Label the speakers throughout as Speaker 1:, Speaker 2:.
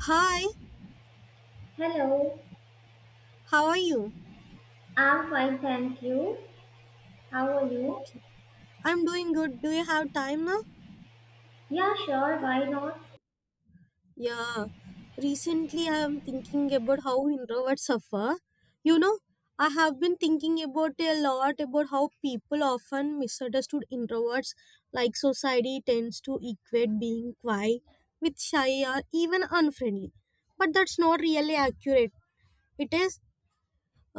Speaker 1: Hi,
Speaker 2: Hello,
Speaker 1: how are you?
Speaker 2: I'm fine, thank you. How are you?
Speaker 1: I'm doing good. Do you have time now?
Speaker 2: Yeah, sure, why not?
Speaker 1: Yeah. Recently, I am thinking about how introverts suffer. You know, I have been thinking about a lot about how people often misunderstood introverts, like society tends to equate being quiet with shy or even unfriendly. But that's not really accurate. It is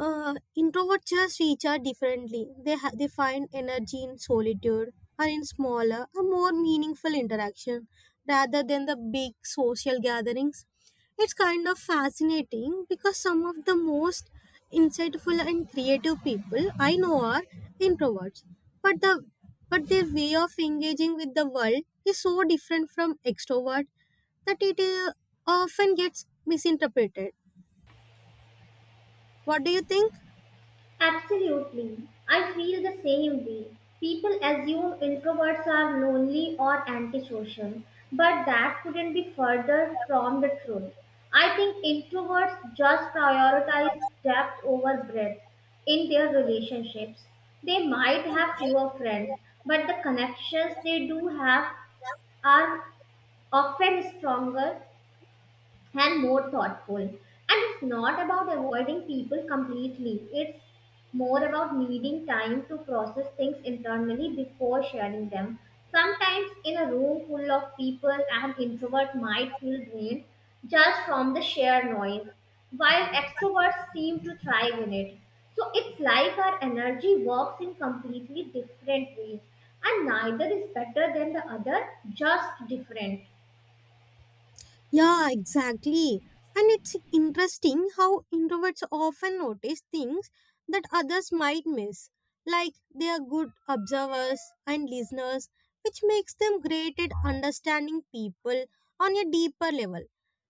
Speaker 1: Introverts just reach out differently. They find energy in solitude or in smaller a more meaningful interaction rather than the big social gatherings. It's kind of fascinating because some of the most insightful and creative people I know are introverts, but the but their way of engaging with the world is so different from extrovert that it often gets misinterpreted. What do you think?
Speaker 2: Absolutely. I feel the same way. People assume introverts are lonely or antisocial, but that couldn't be further from the truth. I think introverts just prioritize depth over breadth in their relationships. They might have fewer friends, but the connections they do have are often stronger and more thoughtful. And it's not about avoiding people completely, it's more about needing time to process things internally before sharing them. Sometimes, in a room full of people, an introvert might feel drained just from the sheer noise, while extroverts seem to thrive in it. So, it's like our energy works in completely different ways, and neither is better than the other, just different.
Speaker 1: Yeah, exactly. And it's interesting how introverts often notice things that others might miss. Like they are good observers and listeners, which makes them great at understanding people on a deeper level.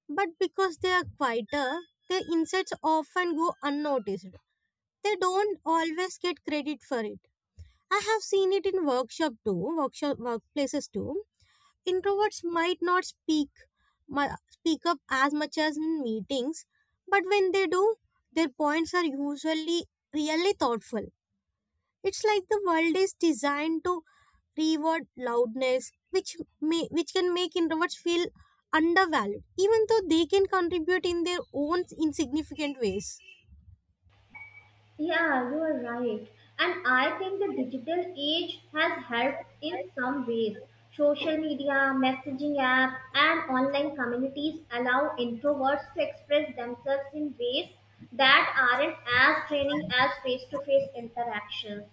Speaker 1: But because they are quieter, their insights often go unnoticed. They don't always get credit for it. I have seen it in workshop too, workshop workplaces too. Introverts might not speak up as much as in meetings, but when they do, their points are usually really thoughtful. It's like the world is designed to reward loudness, which can make introverts feel undervalued, even though they can contribute in their own insignificant ways.
Speaker 2: Yeah, you are right. And I think the digital age has helped in some ways. Social media, messaging apps, and online communities allow introverts to express themselves in ways that aren't as draining as face to face interactions.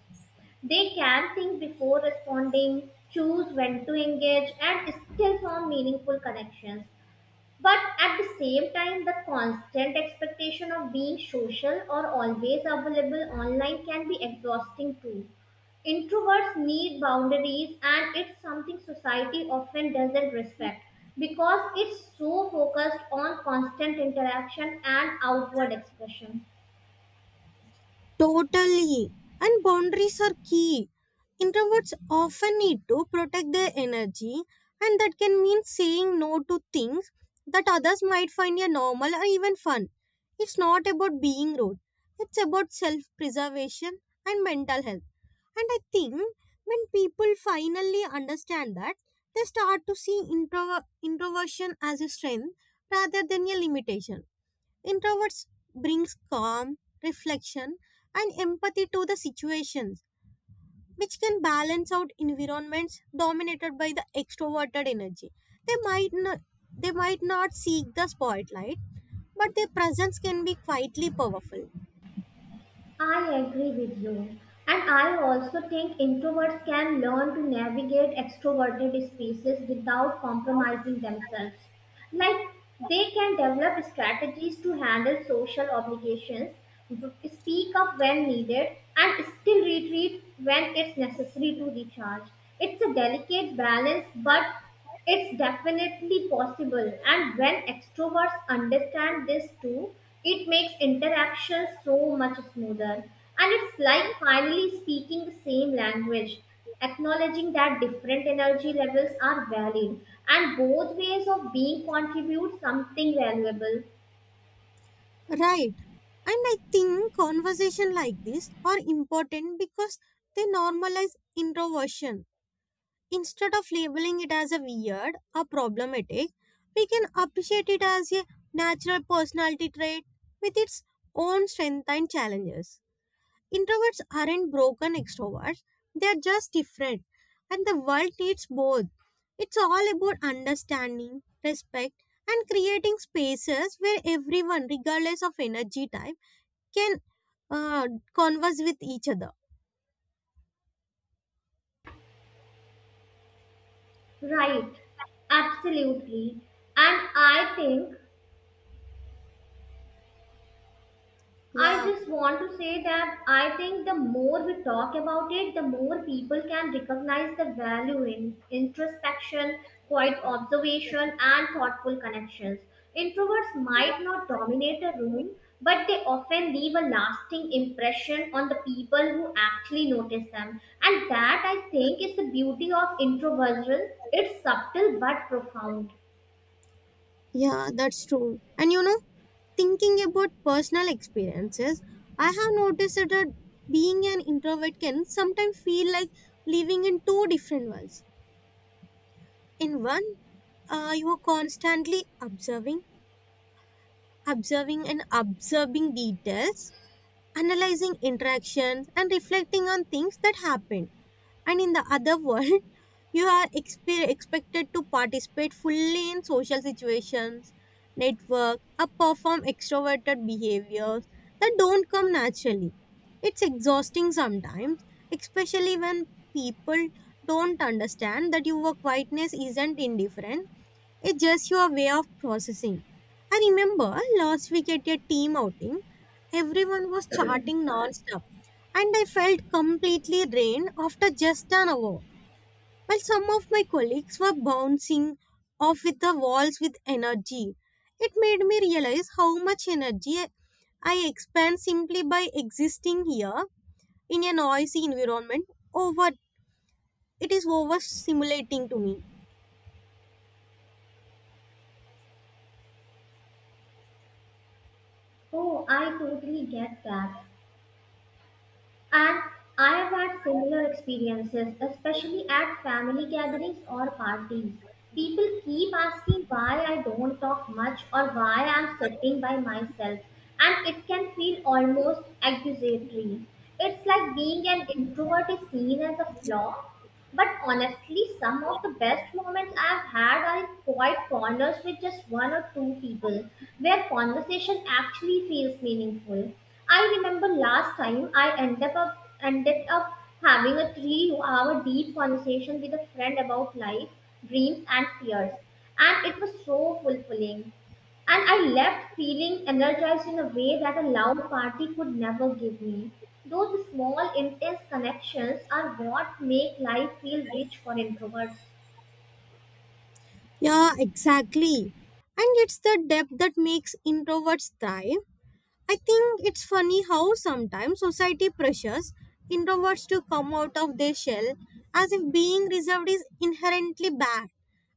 Speaker 2: They can think before responding, choose when to engage, and still form meaningful connections. But at the same time, the constant expectation of being social or always available online can be exhausting too. Introverts need boundaries, and it's something society often doesn't respect because it's so focused on constant interaction and outward expression.
Speaker 1: Totally. And boundaries are key. Introverts often need to protect their energy, and that can mean saying no to things that others might find a normal or even fun. It's not about being rude, it's about self preservation and mental health. And I think when people finally understand that, they start to see introversion as a strength rather than a limitation. Introverts brings calm, reflection, and empathy to the situations, which can balance out environments dominated by the extroverted energy. They might not, they might not seek the spotlight, but their presence can be quietly powerful.
Speaker 2: I agree with you. And I also think introverts can learn to navigate extroverted spaces without compromising themselves. Like they can develop strategies to handle social obligations, speak up when needed, and still retreat when it's necessary to recharge. It's a delicate balance, but it's definitely possible, and when extroverts understand this too, it makes interaction so much smoother. And it's like finally speaking the same language, acknowledging that different energy levels are valid, and both ways of being contribute something valuable.
Speaker 1: Right. And I think conversation like this are important because they normalize introversion. Instead of labeling it as a weird or problematic, we can appreciate it as a natural personality trait with its own strengths and challenges. Introverts aren't broken extroverts, they are just different, and the world needs both. It's all about understanding, respect, and creating spaces where everyone, regardless of energy type, can uh, converse with each other.
Speaker 2: Right. Absolutely. And I think I
Speaker 1: Yeah.
Speaker 2: just want to say that I think the more we talk about it, the more people can recognize the value in introspection, quiet observation, and thoughtful connections. Introverts might not dominate a room, but they often leave a lasting impression on the people who actually notice them. And that, I think, is the beauty of introversion. It's subtle but profound.
Speaker 1: Yeah, that's true. And you know, thinking about personal experiences, I have noticed that being an introvert can sometimes feel like living in two different worlds. In one, you are constantly observing details, analyzing interactions, and reflecting on things that happened. And in the other world you are expected to participate fully in social situations, network, or perform extroverted behaviors that don't come naturally. It's exhausting sometimes, especially when people don't understand that your quietness isn't indifferent, it's just your way of processing. I remember last week at a team outing, everyone was chatting non-stop, and I felt completely drained after just an hour. While some of my colleagues were bouncing off with the walls with energy, it made me realize how much energy I expend simply by existing here in a noisy environment. Over It is overstimulating to me.
Speaker 2: Oh, I totally get that. And I have had similar experiences, especially at family gatherings or parties. People keep asking why I don't talk much or why I'm sitting by myself, and it can feel almost accusatory. It's like being an introvert is seen as a flaw but honestly, some of the best moments I've had are quite corners with just one or two people, where conversation actually feels meaningful. I remember last time I ended up having a 3-hour deep conversation with a friend about life, dreams, and fears, and it was so fulfilling. And I left feeling energized in a way that a loud party could never give me. Those small, intense connections are what make life feel rich for introverts.
Speaker 1: Yeah, exactly. And it's the depth that makes introverts thrive. I think it's funny how sometimes society pressures introverts to come out of their shell as if being reserved is inherently bad.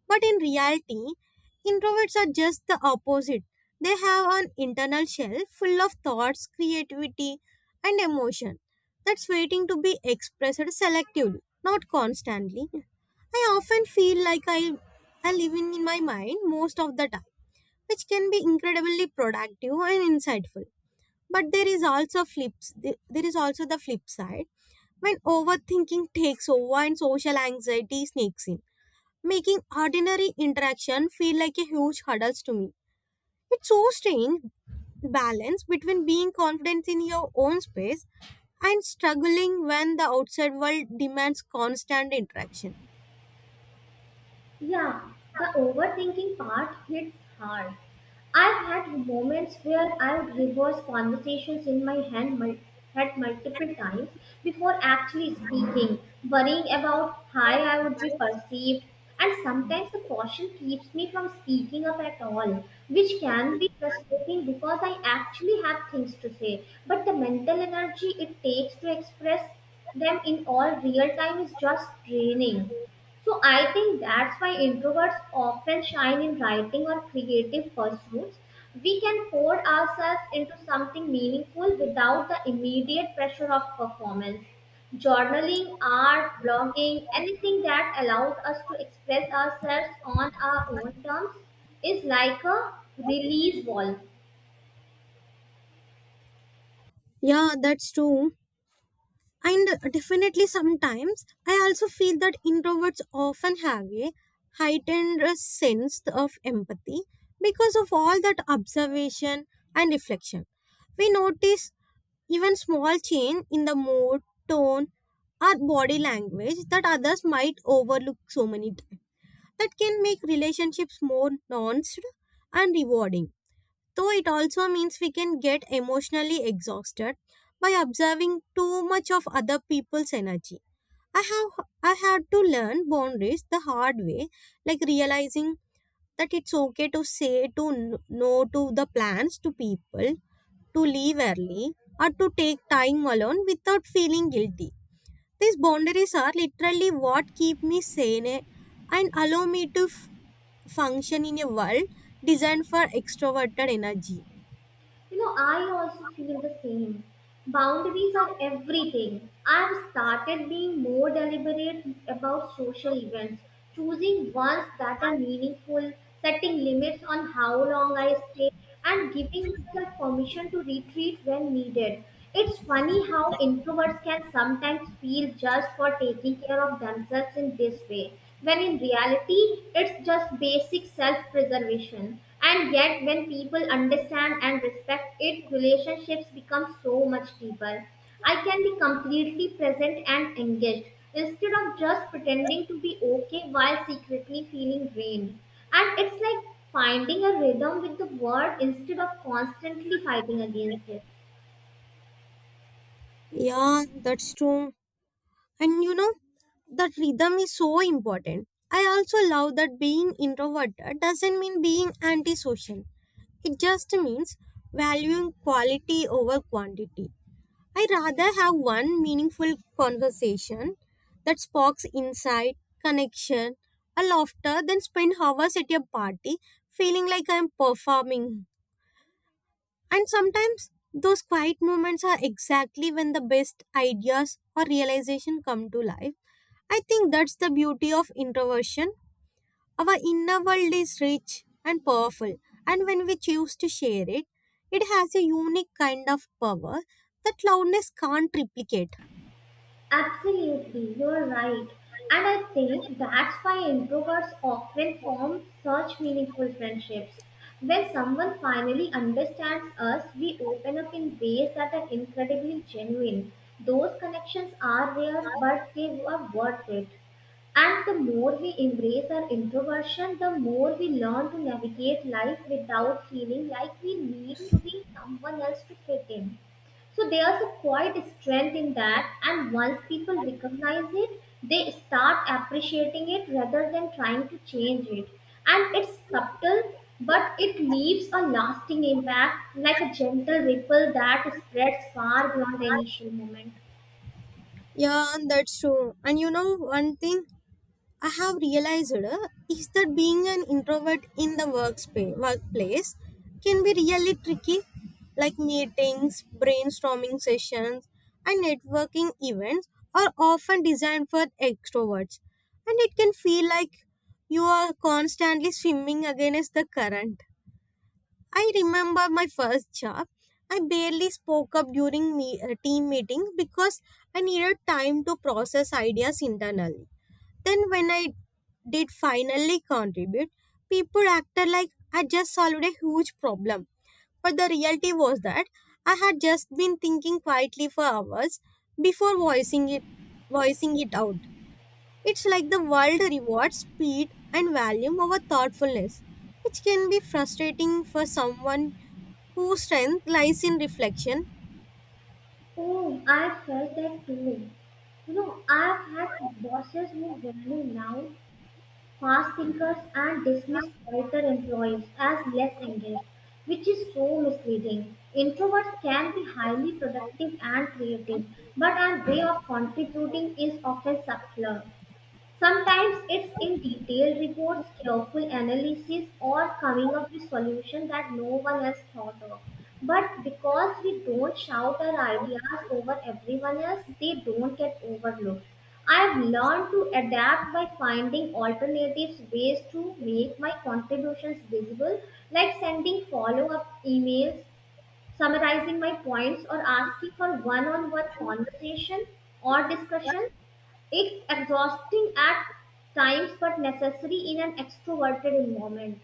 Speaker 1: But in reality, introverts are just the opposite. They have an internal shell full of thoughts, creativity, and emotion that's waiting to be expressed selectively, not constantly. I often feel like I live in my mind most of the time, which can be incredibly productive and insightful. But there is also flips. There is also the flip side when overthinking takes over and social anxiety sneaks in, making ordinary interaction feel like a huge hurdle to me. It's so strange balance between being confident in your own space and struggling when the outside world demands constant interaction.
Speaker 2: Yeah, the overthinking part hits hard. I've had moments where I would reverse conversations in my head multiple times before actually speaking, worrying about how I would be perceived, and sometimes the caution keeps me from speaking up at all, which can be frustrating because I actually have things to say, but the mental energy it takes to express them in all real time is just draining. So I think that's why introverts often shine in writing or creative pursuits. We can pour ourselves into something meaningful without the immediate pressure of performance. Journaling, art, blogging, anything that allows us to express ourselves on our own terms is like a release valve.
Speaker 1: Yeah, that's true. And definitely sometimes I also feel that introverts often have a heightened sense of empathy because of all that observation and reflection. We notice even small change in the mood, tone, or body language that others might overlook so many times. That can make relationships more nuanced and rewarding, though it also means we can get emotionally exhausted by observing too much of other people's energy. I have I had to learn boundaries the hard way, like realizing that it's okay to say to no to the plans to people, to leave early, or to take time alone without feeling guilty. These boundaries are literally what keep me sane and allow me to function in a world designed for extroverted energy.
Speaker 2: You know, I also feel the same. Boundaries are everything. I've started being more deliberate about social events, choosing ones that are meaningful, setting limits on how long I stay, and giving myself permission to retreat when needed. It's funny how introverts can sometimes feel judged for taking care of themselves in this way, when in reality, it's just basic self preservation. And yet, when people understand and respect it, relationships become so much deeper. I can be completely present and engaged instead of just pretending to be okay while secretly feeling drained. And it's like finding a rhythm with the world instead of constantly fighting against it.
Speaker 1: Yeah, that's true. And you know, that rhythm is so important. I also love that being introverted doesn't mean being antisocial. It just means valuing quality over quantity. I rather have one meaningful conversation that sparks insight, connection, a laughter than spend hours at a party feeling like I'm performing. And sometimes those quiet moments are exactly when the best ideas or realization come to life. I think that's the beauty of introversion. Our inner world is rich and powerful, and when we choose to share it, it has a unique kind of power that loudness can't replicate.
Speaker 2: Absolutely, you're right. And I think that's why introverts often form such meaningful friendships. When someone finally understands us, we open up in ways that are incredibly genuine. Those connections are rare, but they are worth it. And the more we embrace our introversion, the more we learn to navigate life without feeling like we need to be someone else to fit in. So there's a quiet strength in that, and once people recognize it, they start appreciating it rather than trying to change it. And it's subtle, but it leaves a lasting impact like a gentle ripple that spreads far beyond the initial moment.
Speaker 1: Yeah, that's true. And you know one thing? I have realized is that being an introvert in the workplace can be really tricky, like meetings, brainstorming sessions, and networking events are often designed for extroverts. And it can feel like you are constantly swimming against the current. I remember my first job. I barely spoke up during team meetings because I needed time to process ideas internally. Then when I did finally contribute, people acted like I just solved a huge problem. But the reality was that I had just been thinking quietly for hours before voicing it out. It's like the world rewards speed and volume over thoughtfulness, which can be frustrating for someone whose strength lies in reflection.
Speaker 2: Oh, I felt that too. You know, I've had bosses who value now fast thinkers and dismiss quieter employees as less engaged, which is so misleading. Introverts can be highly productive and creative, but our way of contributing is often subtler. Sometimes it's in detailed reports, careful analysis, or coming up with solutions that no one else thought of. But because we don't shout our ideas over everyone else, they don't get overlooked. I've learned to adapt by finding alternatives ways to make my contributions visible, like sending follow up emails summarizing my points or asking for one on one conversation or discussion. It's exhausting at times but necessary in an extroverted environment.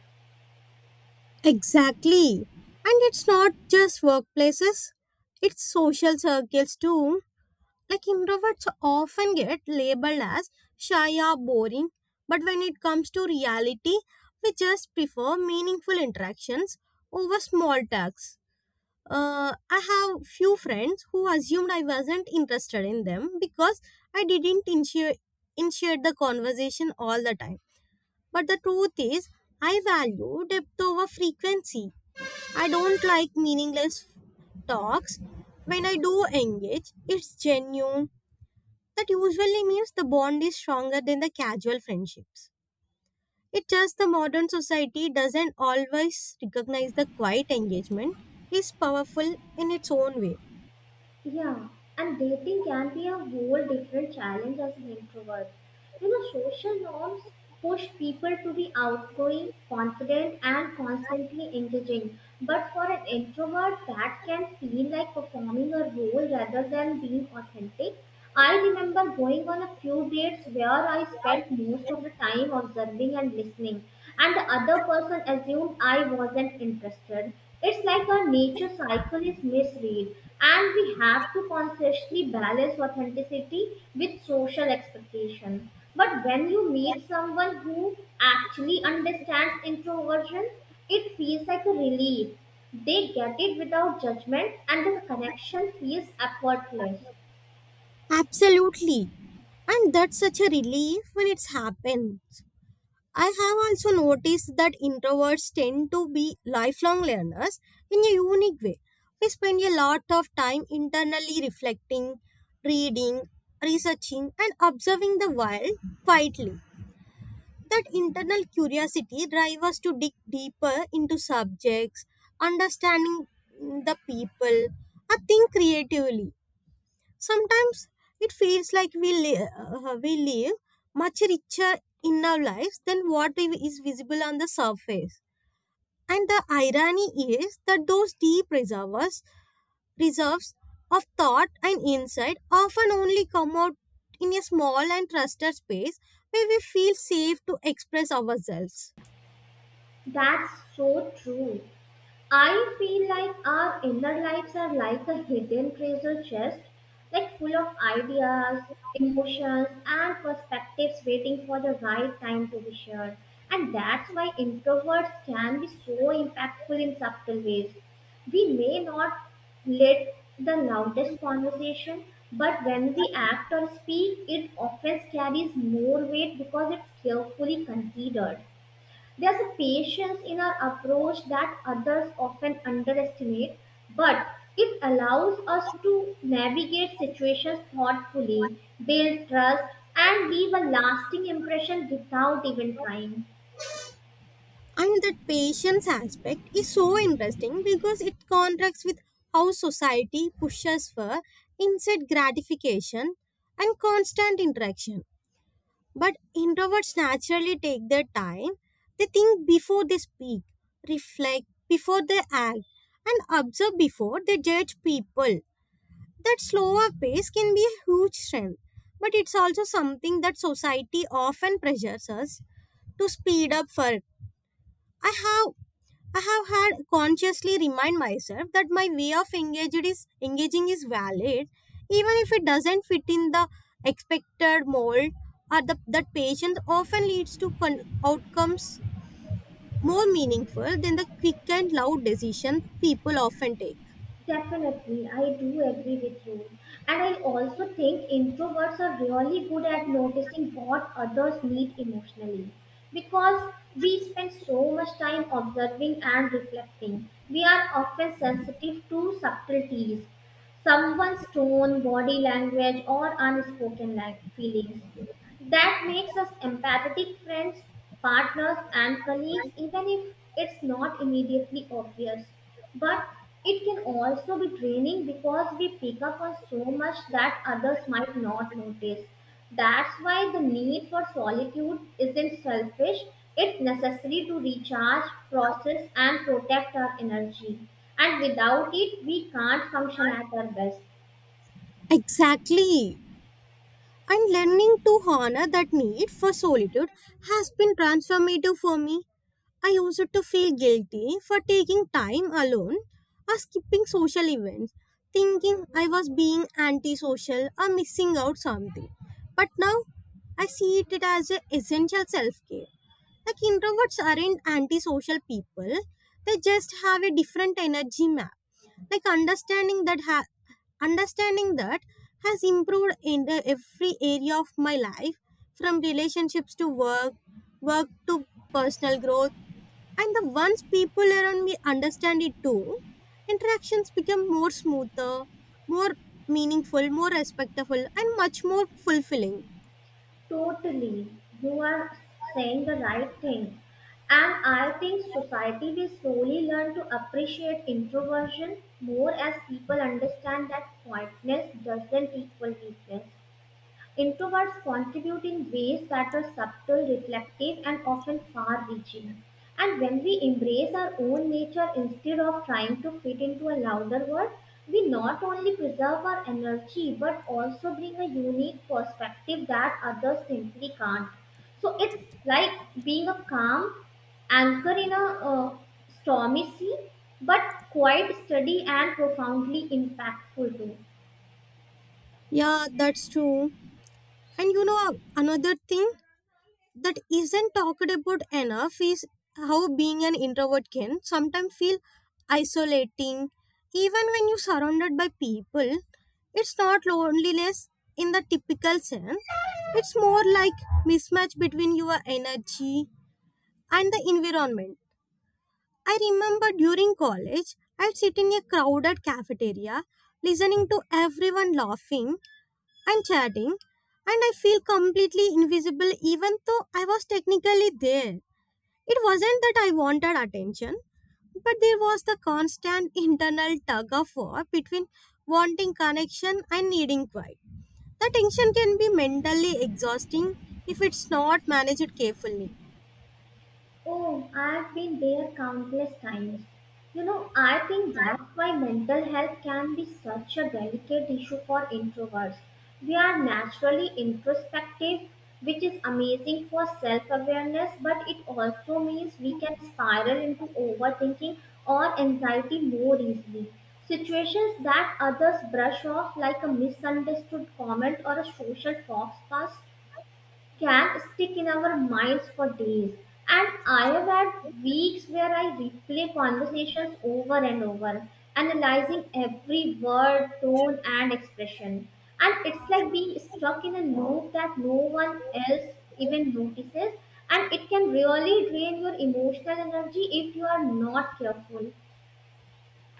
Speaker 1: Exactly. And it's not just workplaces, it's social circles too. Like introverts often get labeled as shy or boring, but when it comes to reality, we just prefer meaningful interactions over small talks. I have few friends who assumed I wasn't interested in them because I didn't initiate the conversation all the time. But the truth is, I value depth over frequency. I don't like meaningless talks. When I do engage, it's genuine that usually means the bond is stronger than the casual friendships. It's just the modern society doesn't always recognize the quiet engagement is powerful in its own way.
Speaker 2: Yeah, and dating can be a whole different challenge as an introvert. You know, social norms push people to be outgoing, confident, and constantly engaging. But for an introvert, that can feel like performing a role rather than being authentic. I remember going on a few dates where I spent most of the time observing and listening, and the other person assumed I wasn't interested. It's like our nature cycle is misread, and we have to consciously balance authenticity with social expectation. But when you meet someone who actually understands introversion, it feels like a relief. They get it without judgment, and the connection feels effortless.
Speaker 1: Absolutely. And that's such a relief when it's happens. I have also noticed that introverts tend to be lifelong learners in a unique way. We spend a lot of time internally reflecting, reading, researching, and observing the world quietly. That internal curiosity drives us to dig deeper into subjects, understanding the people, or think creatively. Sometimes it feels like we live much richer in our lives than what is visible on the surface. And the irony is that those reserves of thought and insight often only come out in a small and trusted space where we feel safe to express ourselves.
Speaker 2: That's so true. I feel like our inner lives are like a hidden treasure chest, like full of ideas, emotions, and perspectives waiting for the right time to be shared. And that's why introverts can be so impactful in subtle ways. We may not lead the loudest conversation, but when we act or speak, it often carries more weight because it's carefully considered. There's a patience in our approach that others often underestimate, but it allows us to navigate situations thoughtfully, build trust, and leave a lasting impression without even trying.
Speaker 1: And that patience aspect is so interesting because it contrasts with how society pushes for instant gratification and constant interaction. But introverts naturally take their time. They think before they speak, reflect before they act, and observe before they judge people. That slower pace can be a huge strength, but it's also something that society often pressures us to speed up work. I have I have had consciously remind myself that my way of engaged is engaging is valid, even if it doesn't fit in the expected mold or the that patience often leads to outcomes more meaningful than the quick and loud decision people often take.
Speaker 2: Definitely, I do agree with you. And I also think introverts are really good at noticing what others need emotionally. Because we spend so much time observing and reflecting, we are often sensitive to subtleties, someone's tone, body language, or unspoken feelings. That makes us empathetic friends, partners, and colleagues, even if it's not immediately obvious. But it can also be draining because we pick up on so much that others might not notice. That's why the need for solitude isn't selfish, it's necessary to recharge, process, and protect our energy. And without it, we can't function at our best.
Speaker 1: Exactly. And learning to honor that need for solitude has been transformative for me. I used to feel guilty for taking time alone or skipping social events, thinking I was being antisocial or missing out something. But now I see it as an essential self care. Like introverts aren't antisocial people, they just have a different energy map. Like understanding that ha- Understanding that has improved in the every area of my life, from relationships to work, work to personal growth. And the once people around me understand it too, interactions become more smoother, more meaningful, more respectful, and much more fulfilling.
Speaker 2: Totally, you are saying the right thing. And I think society will slowly learn to appreciate introversion more as people understand that quietness doesn't equal weakness. Introverts contribute in ways that are subtle, reflective, and often far reaching. And when we embrace our own nature instead of trying to fit into a louder world, we not only preserve our energy but also bring a unique perspective that others simply can't. So it's like being a calm anchor in a stormy sea, but quite steady and profoundly impactful too.
Speaker 1: Yeah, that's true. And you know another thing? That isn't talked about enough is how being an introvert can sometimes feel isolating even when you're surrounded by people. It's not loneliness in the typical sense, it's more like mismatch between your energy and the environment. I remember during college I'd sit in a crowded cafeteria listening to everyone laughing and chatting, and I feel completely invisible even though I was technically there. It wasn't that I wanted attention, but there was the constant internal tug of war between wanting connection and needing quiet. The tension can be mentally exhausting if it's not managed carefully.
Speaker 2: Oh, I've been there countless times. You know, I think that's why mental health can be such a delicate issue for introverts. We are naturally introspective, which is amazing for self awareness, but it also means we can spiral into overthinking or anxiety more easily. Situations that others brush off, like a misunderstood comment or a social faux pas can stick in our minds for days. And I have had weeks where I replay conversations over and over, analyzing every word, tone, and expression. And it's like being stuck in a loop that no one else even notices. And it can really drain your emotional energy if you are not careful.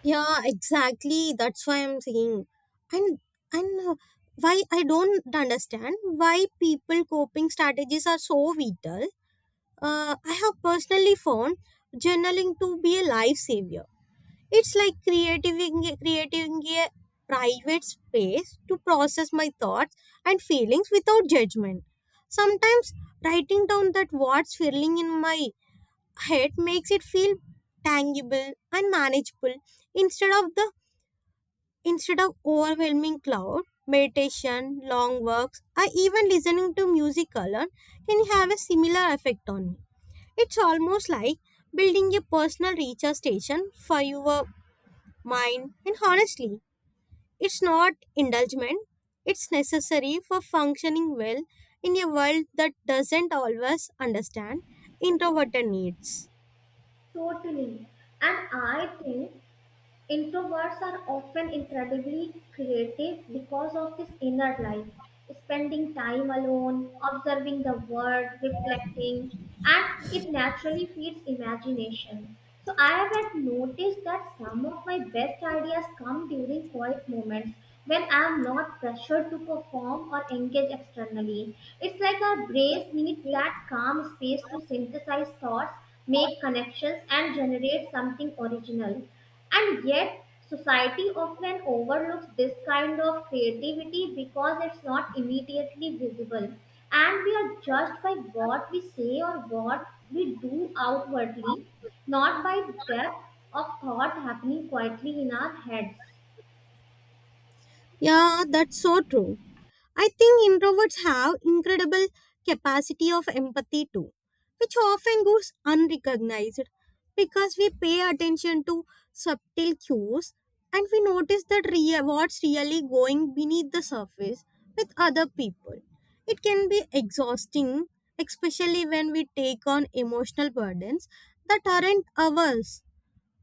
Speaker 1: Yeah, exactly. That's why I'm saying, and and why I don't understand why people coping strategies are so vital. I have personally found journaling to be a lifesaver. It's like creating a private space to process my thoughts and feelings without judgment. Sometimes writing down that what's feeling in my head makes it feel tangible and manageable instead of the instead of overwhelming cloud. Meditation, long walks, or even listening to music alone can have a similar effect on me. It's almost like building a personal recharge station for your mind, and honestly, it's not indulgent. It's necessary for functioning well in a world that doesn't always understand introverted needs.
Speaker 2: Totally. And I think introverts are often incredibly creative because of this inner life, spending time alone, observing the world, reflecting, and it naturally feeds imagination. So I have noticed that some of my best ideas come during quiet moments when I am not pressured to perform or engage externally. It's like our brains need that calm space to synthesize thoughts, make connections, and generate something original. And yet, society often overlooks this kind of creativity because it's not immediately visible. And we are judged by what we say or what we do outwardly, not by depth of thought happening quietly in our heads.
Speaker 1: Yeah, that's so true. I think introverts have incredible capacity of empathy too, which often goes unrecognized because we pay attention to subtle cues and we notice that what's really going beneath the surface with other people. It can be exhausting, especially when we take on emotional burdens that aren't ours,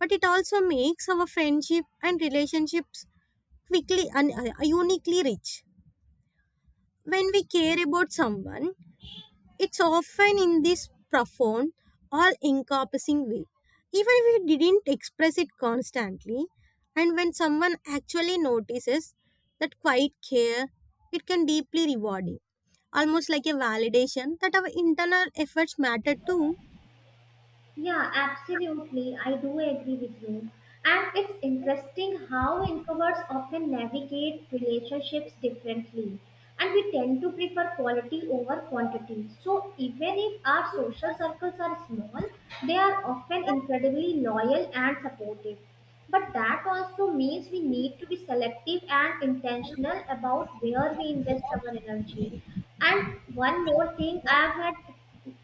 Speaker 1: but it also makes our friendship and relationships quickly and uniquely rich. When we care about someone, it's often in this profound, all encompassing way. Even if we didn't express it constantly, and when someone actually notices that quiet care, it can deeply rewarding, almost like a validation that our internal efforts matter too.
Speaker 2: Yeah, absolutely. I do agree with you. And it's interesting how introverts often navigate relationships differently. And we tend to prefer quality over quantity. So even if our social circles are small, they are often incredibly loyal and supportive. But that also means we need to be selective and intentional about where we invest our energy. And one more thing I've had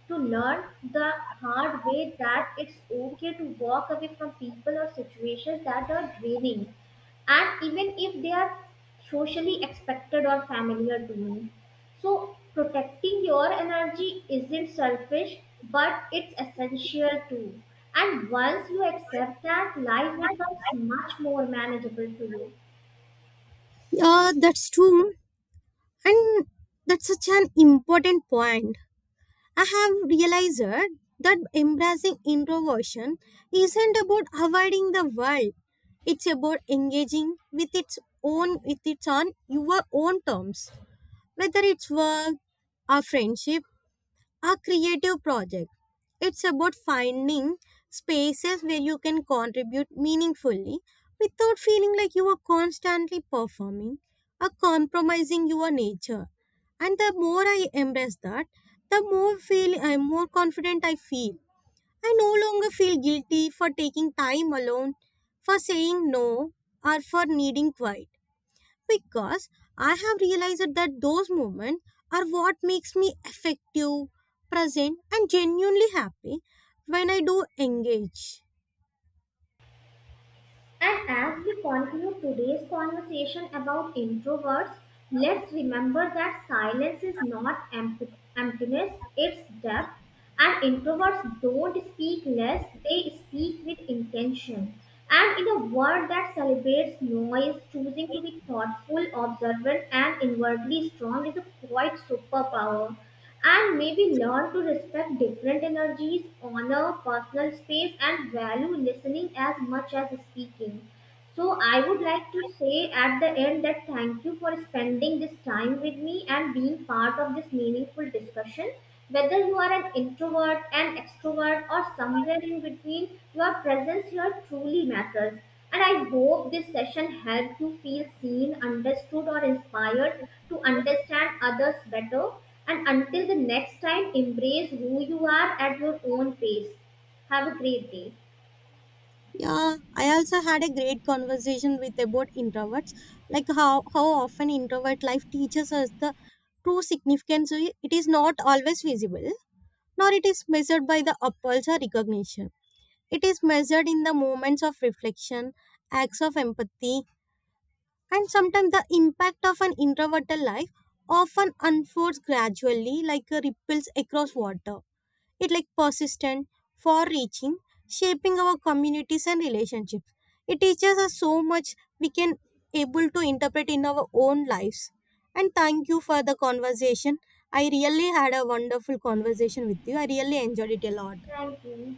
Speaker 2: to learn the hard way that it's okay to walk away from people or situations that are draining, and even if they are socially expected or familiar to me. So, protecting your energy isn't selfish, but it's essential too. And once you accept that, life becomes much more manageable to you.
Speaker 1: Yeah, that's true, and that's such an important point. I have realized that embracing introversion isn't about avoiding the world. It's about engaging with its on your own terms. Whether it's work or friendship, a creative project. It's about finding spaces where you can contribute meaningfully without feeling like you are constantly performing or compromising your nature. And the more I embrace that, the more confident I feel. I no longer feel guilty for taking time alone, for saying no, or for needing quiet because I have realized that those moments are what makes me effective, present, and genuinely happy when I do engage.
Speaker 2: And as we conclude today's conversation about introverts, let's remember that silence is not emptiness, it's depth. And introverts don't speak less, they speak with intention. And in a world that celebrates noise, choosing to be thoughtful, observant, and inwardly strong is a quite superpower and maybe learn to respect different energies, honor personal space, and value listening as much as speaking. So I would like to say at the end that thank you for spending this time with me and being part of this meaningful discussion. Whether you are an introvert, an extrovert, or somewhere in between, your presence here truly matters. And I hope this session helped you feel seen, understood, or inspired to understand others better. And until the next time, embrace who you are at your own pace. Have a great day.
Speaker 1: Yeah, I also had a great conversation with about introverts, like how often introvert life teaches us the true significance of it is not always visible, nor it is measured by the appulse or recognition. It is measured in the moments of reflection, acts of empathy, and sometimes the impact of an introverted life often unfolds gradually like a ripples across water. It like persistent, far reaching, shaping our communities and relationships. It teaches us so much we can able to interpret in our own lives. And thank you for the conversation. I really had a wonderful conversation with you. I really enjoyed it a lot.
Speaker 2: Thank you.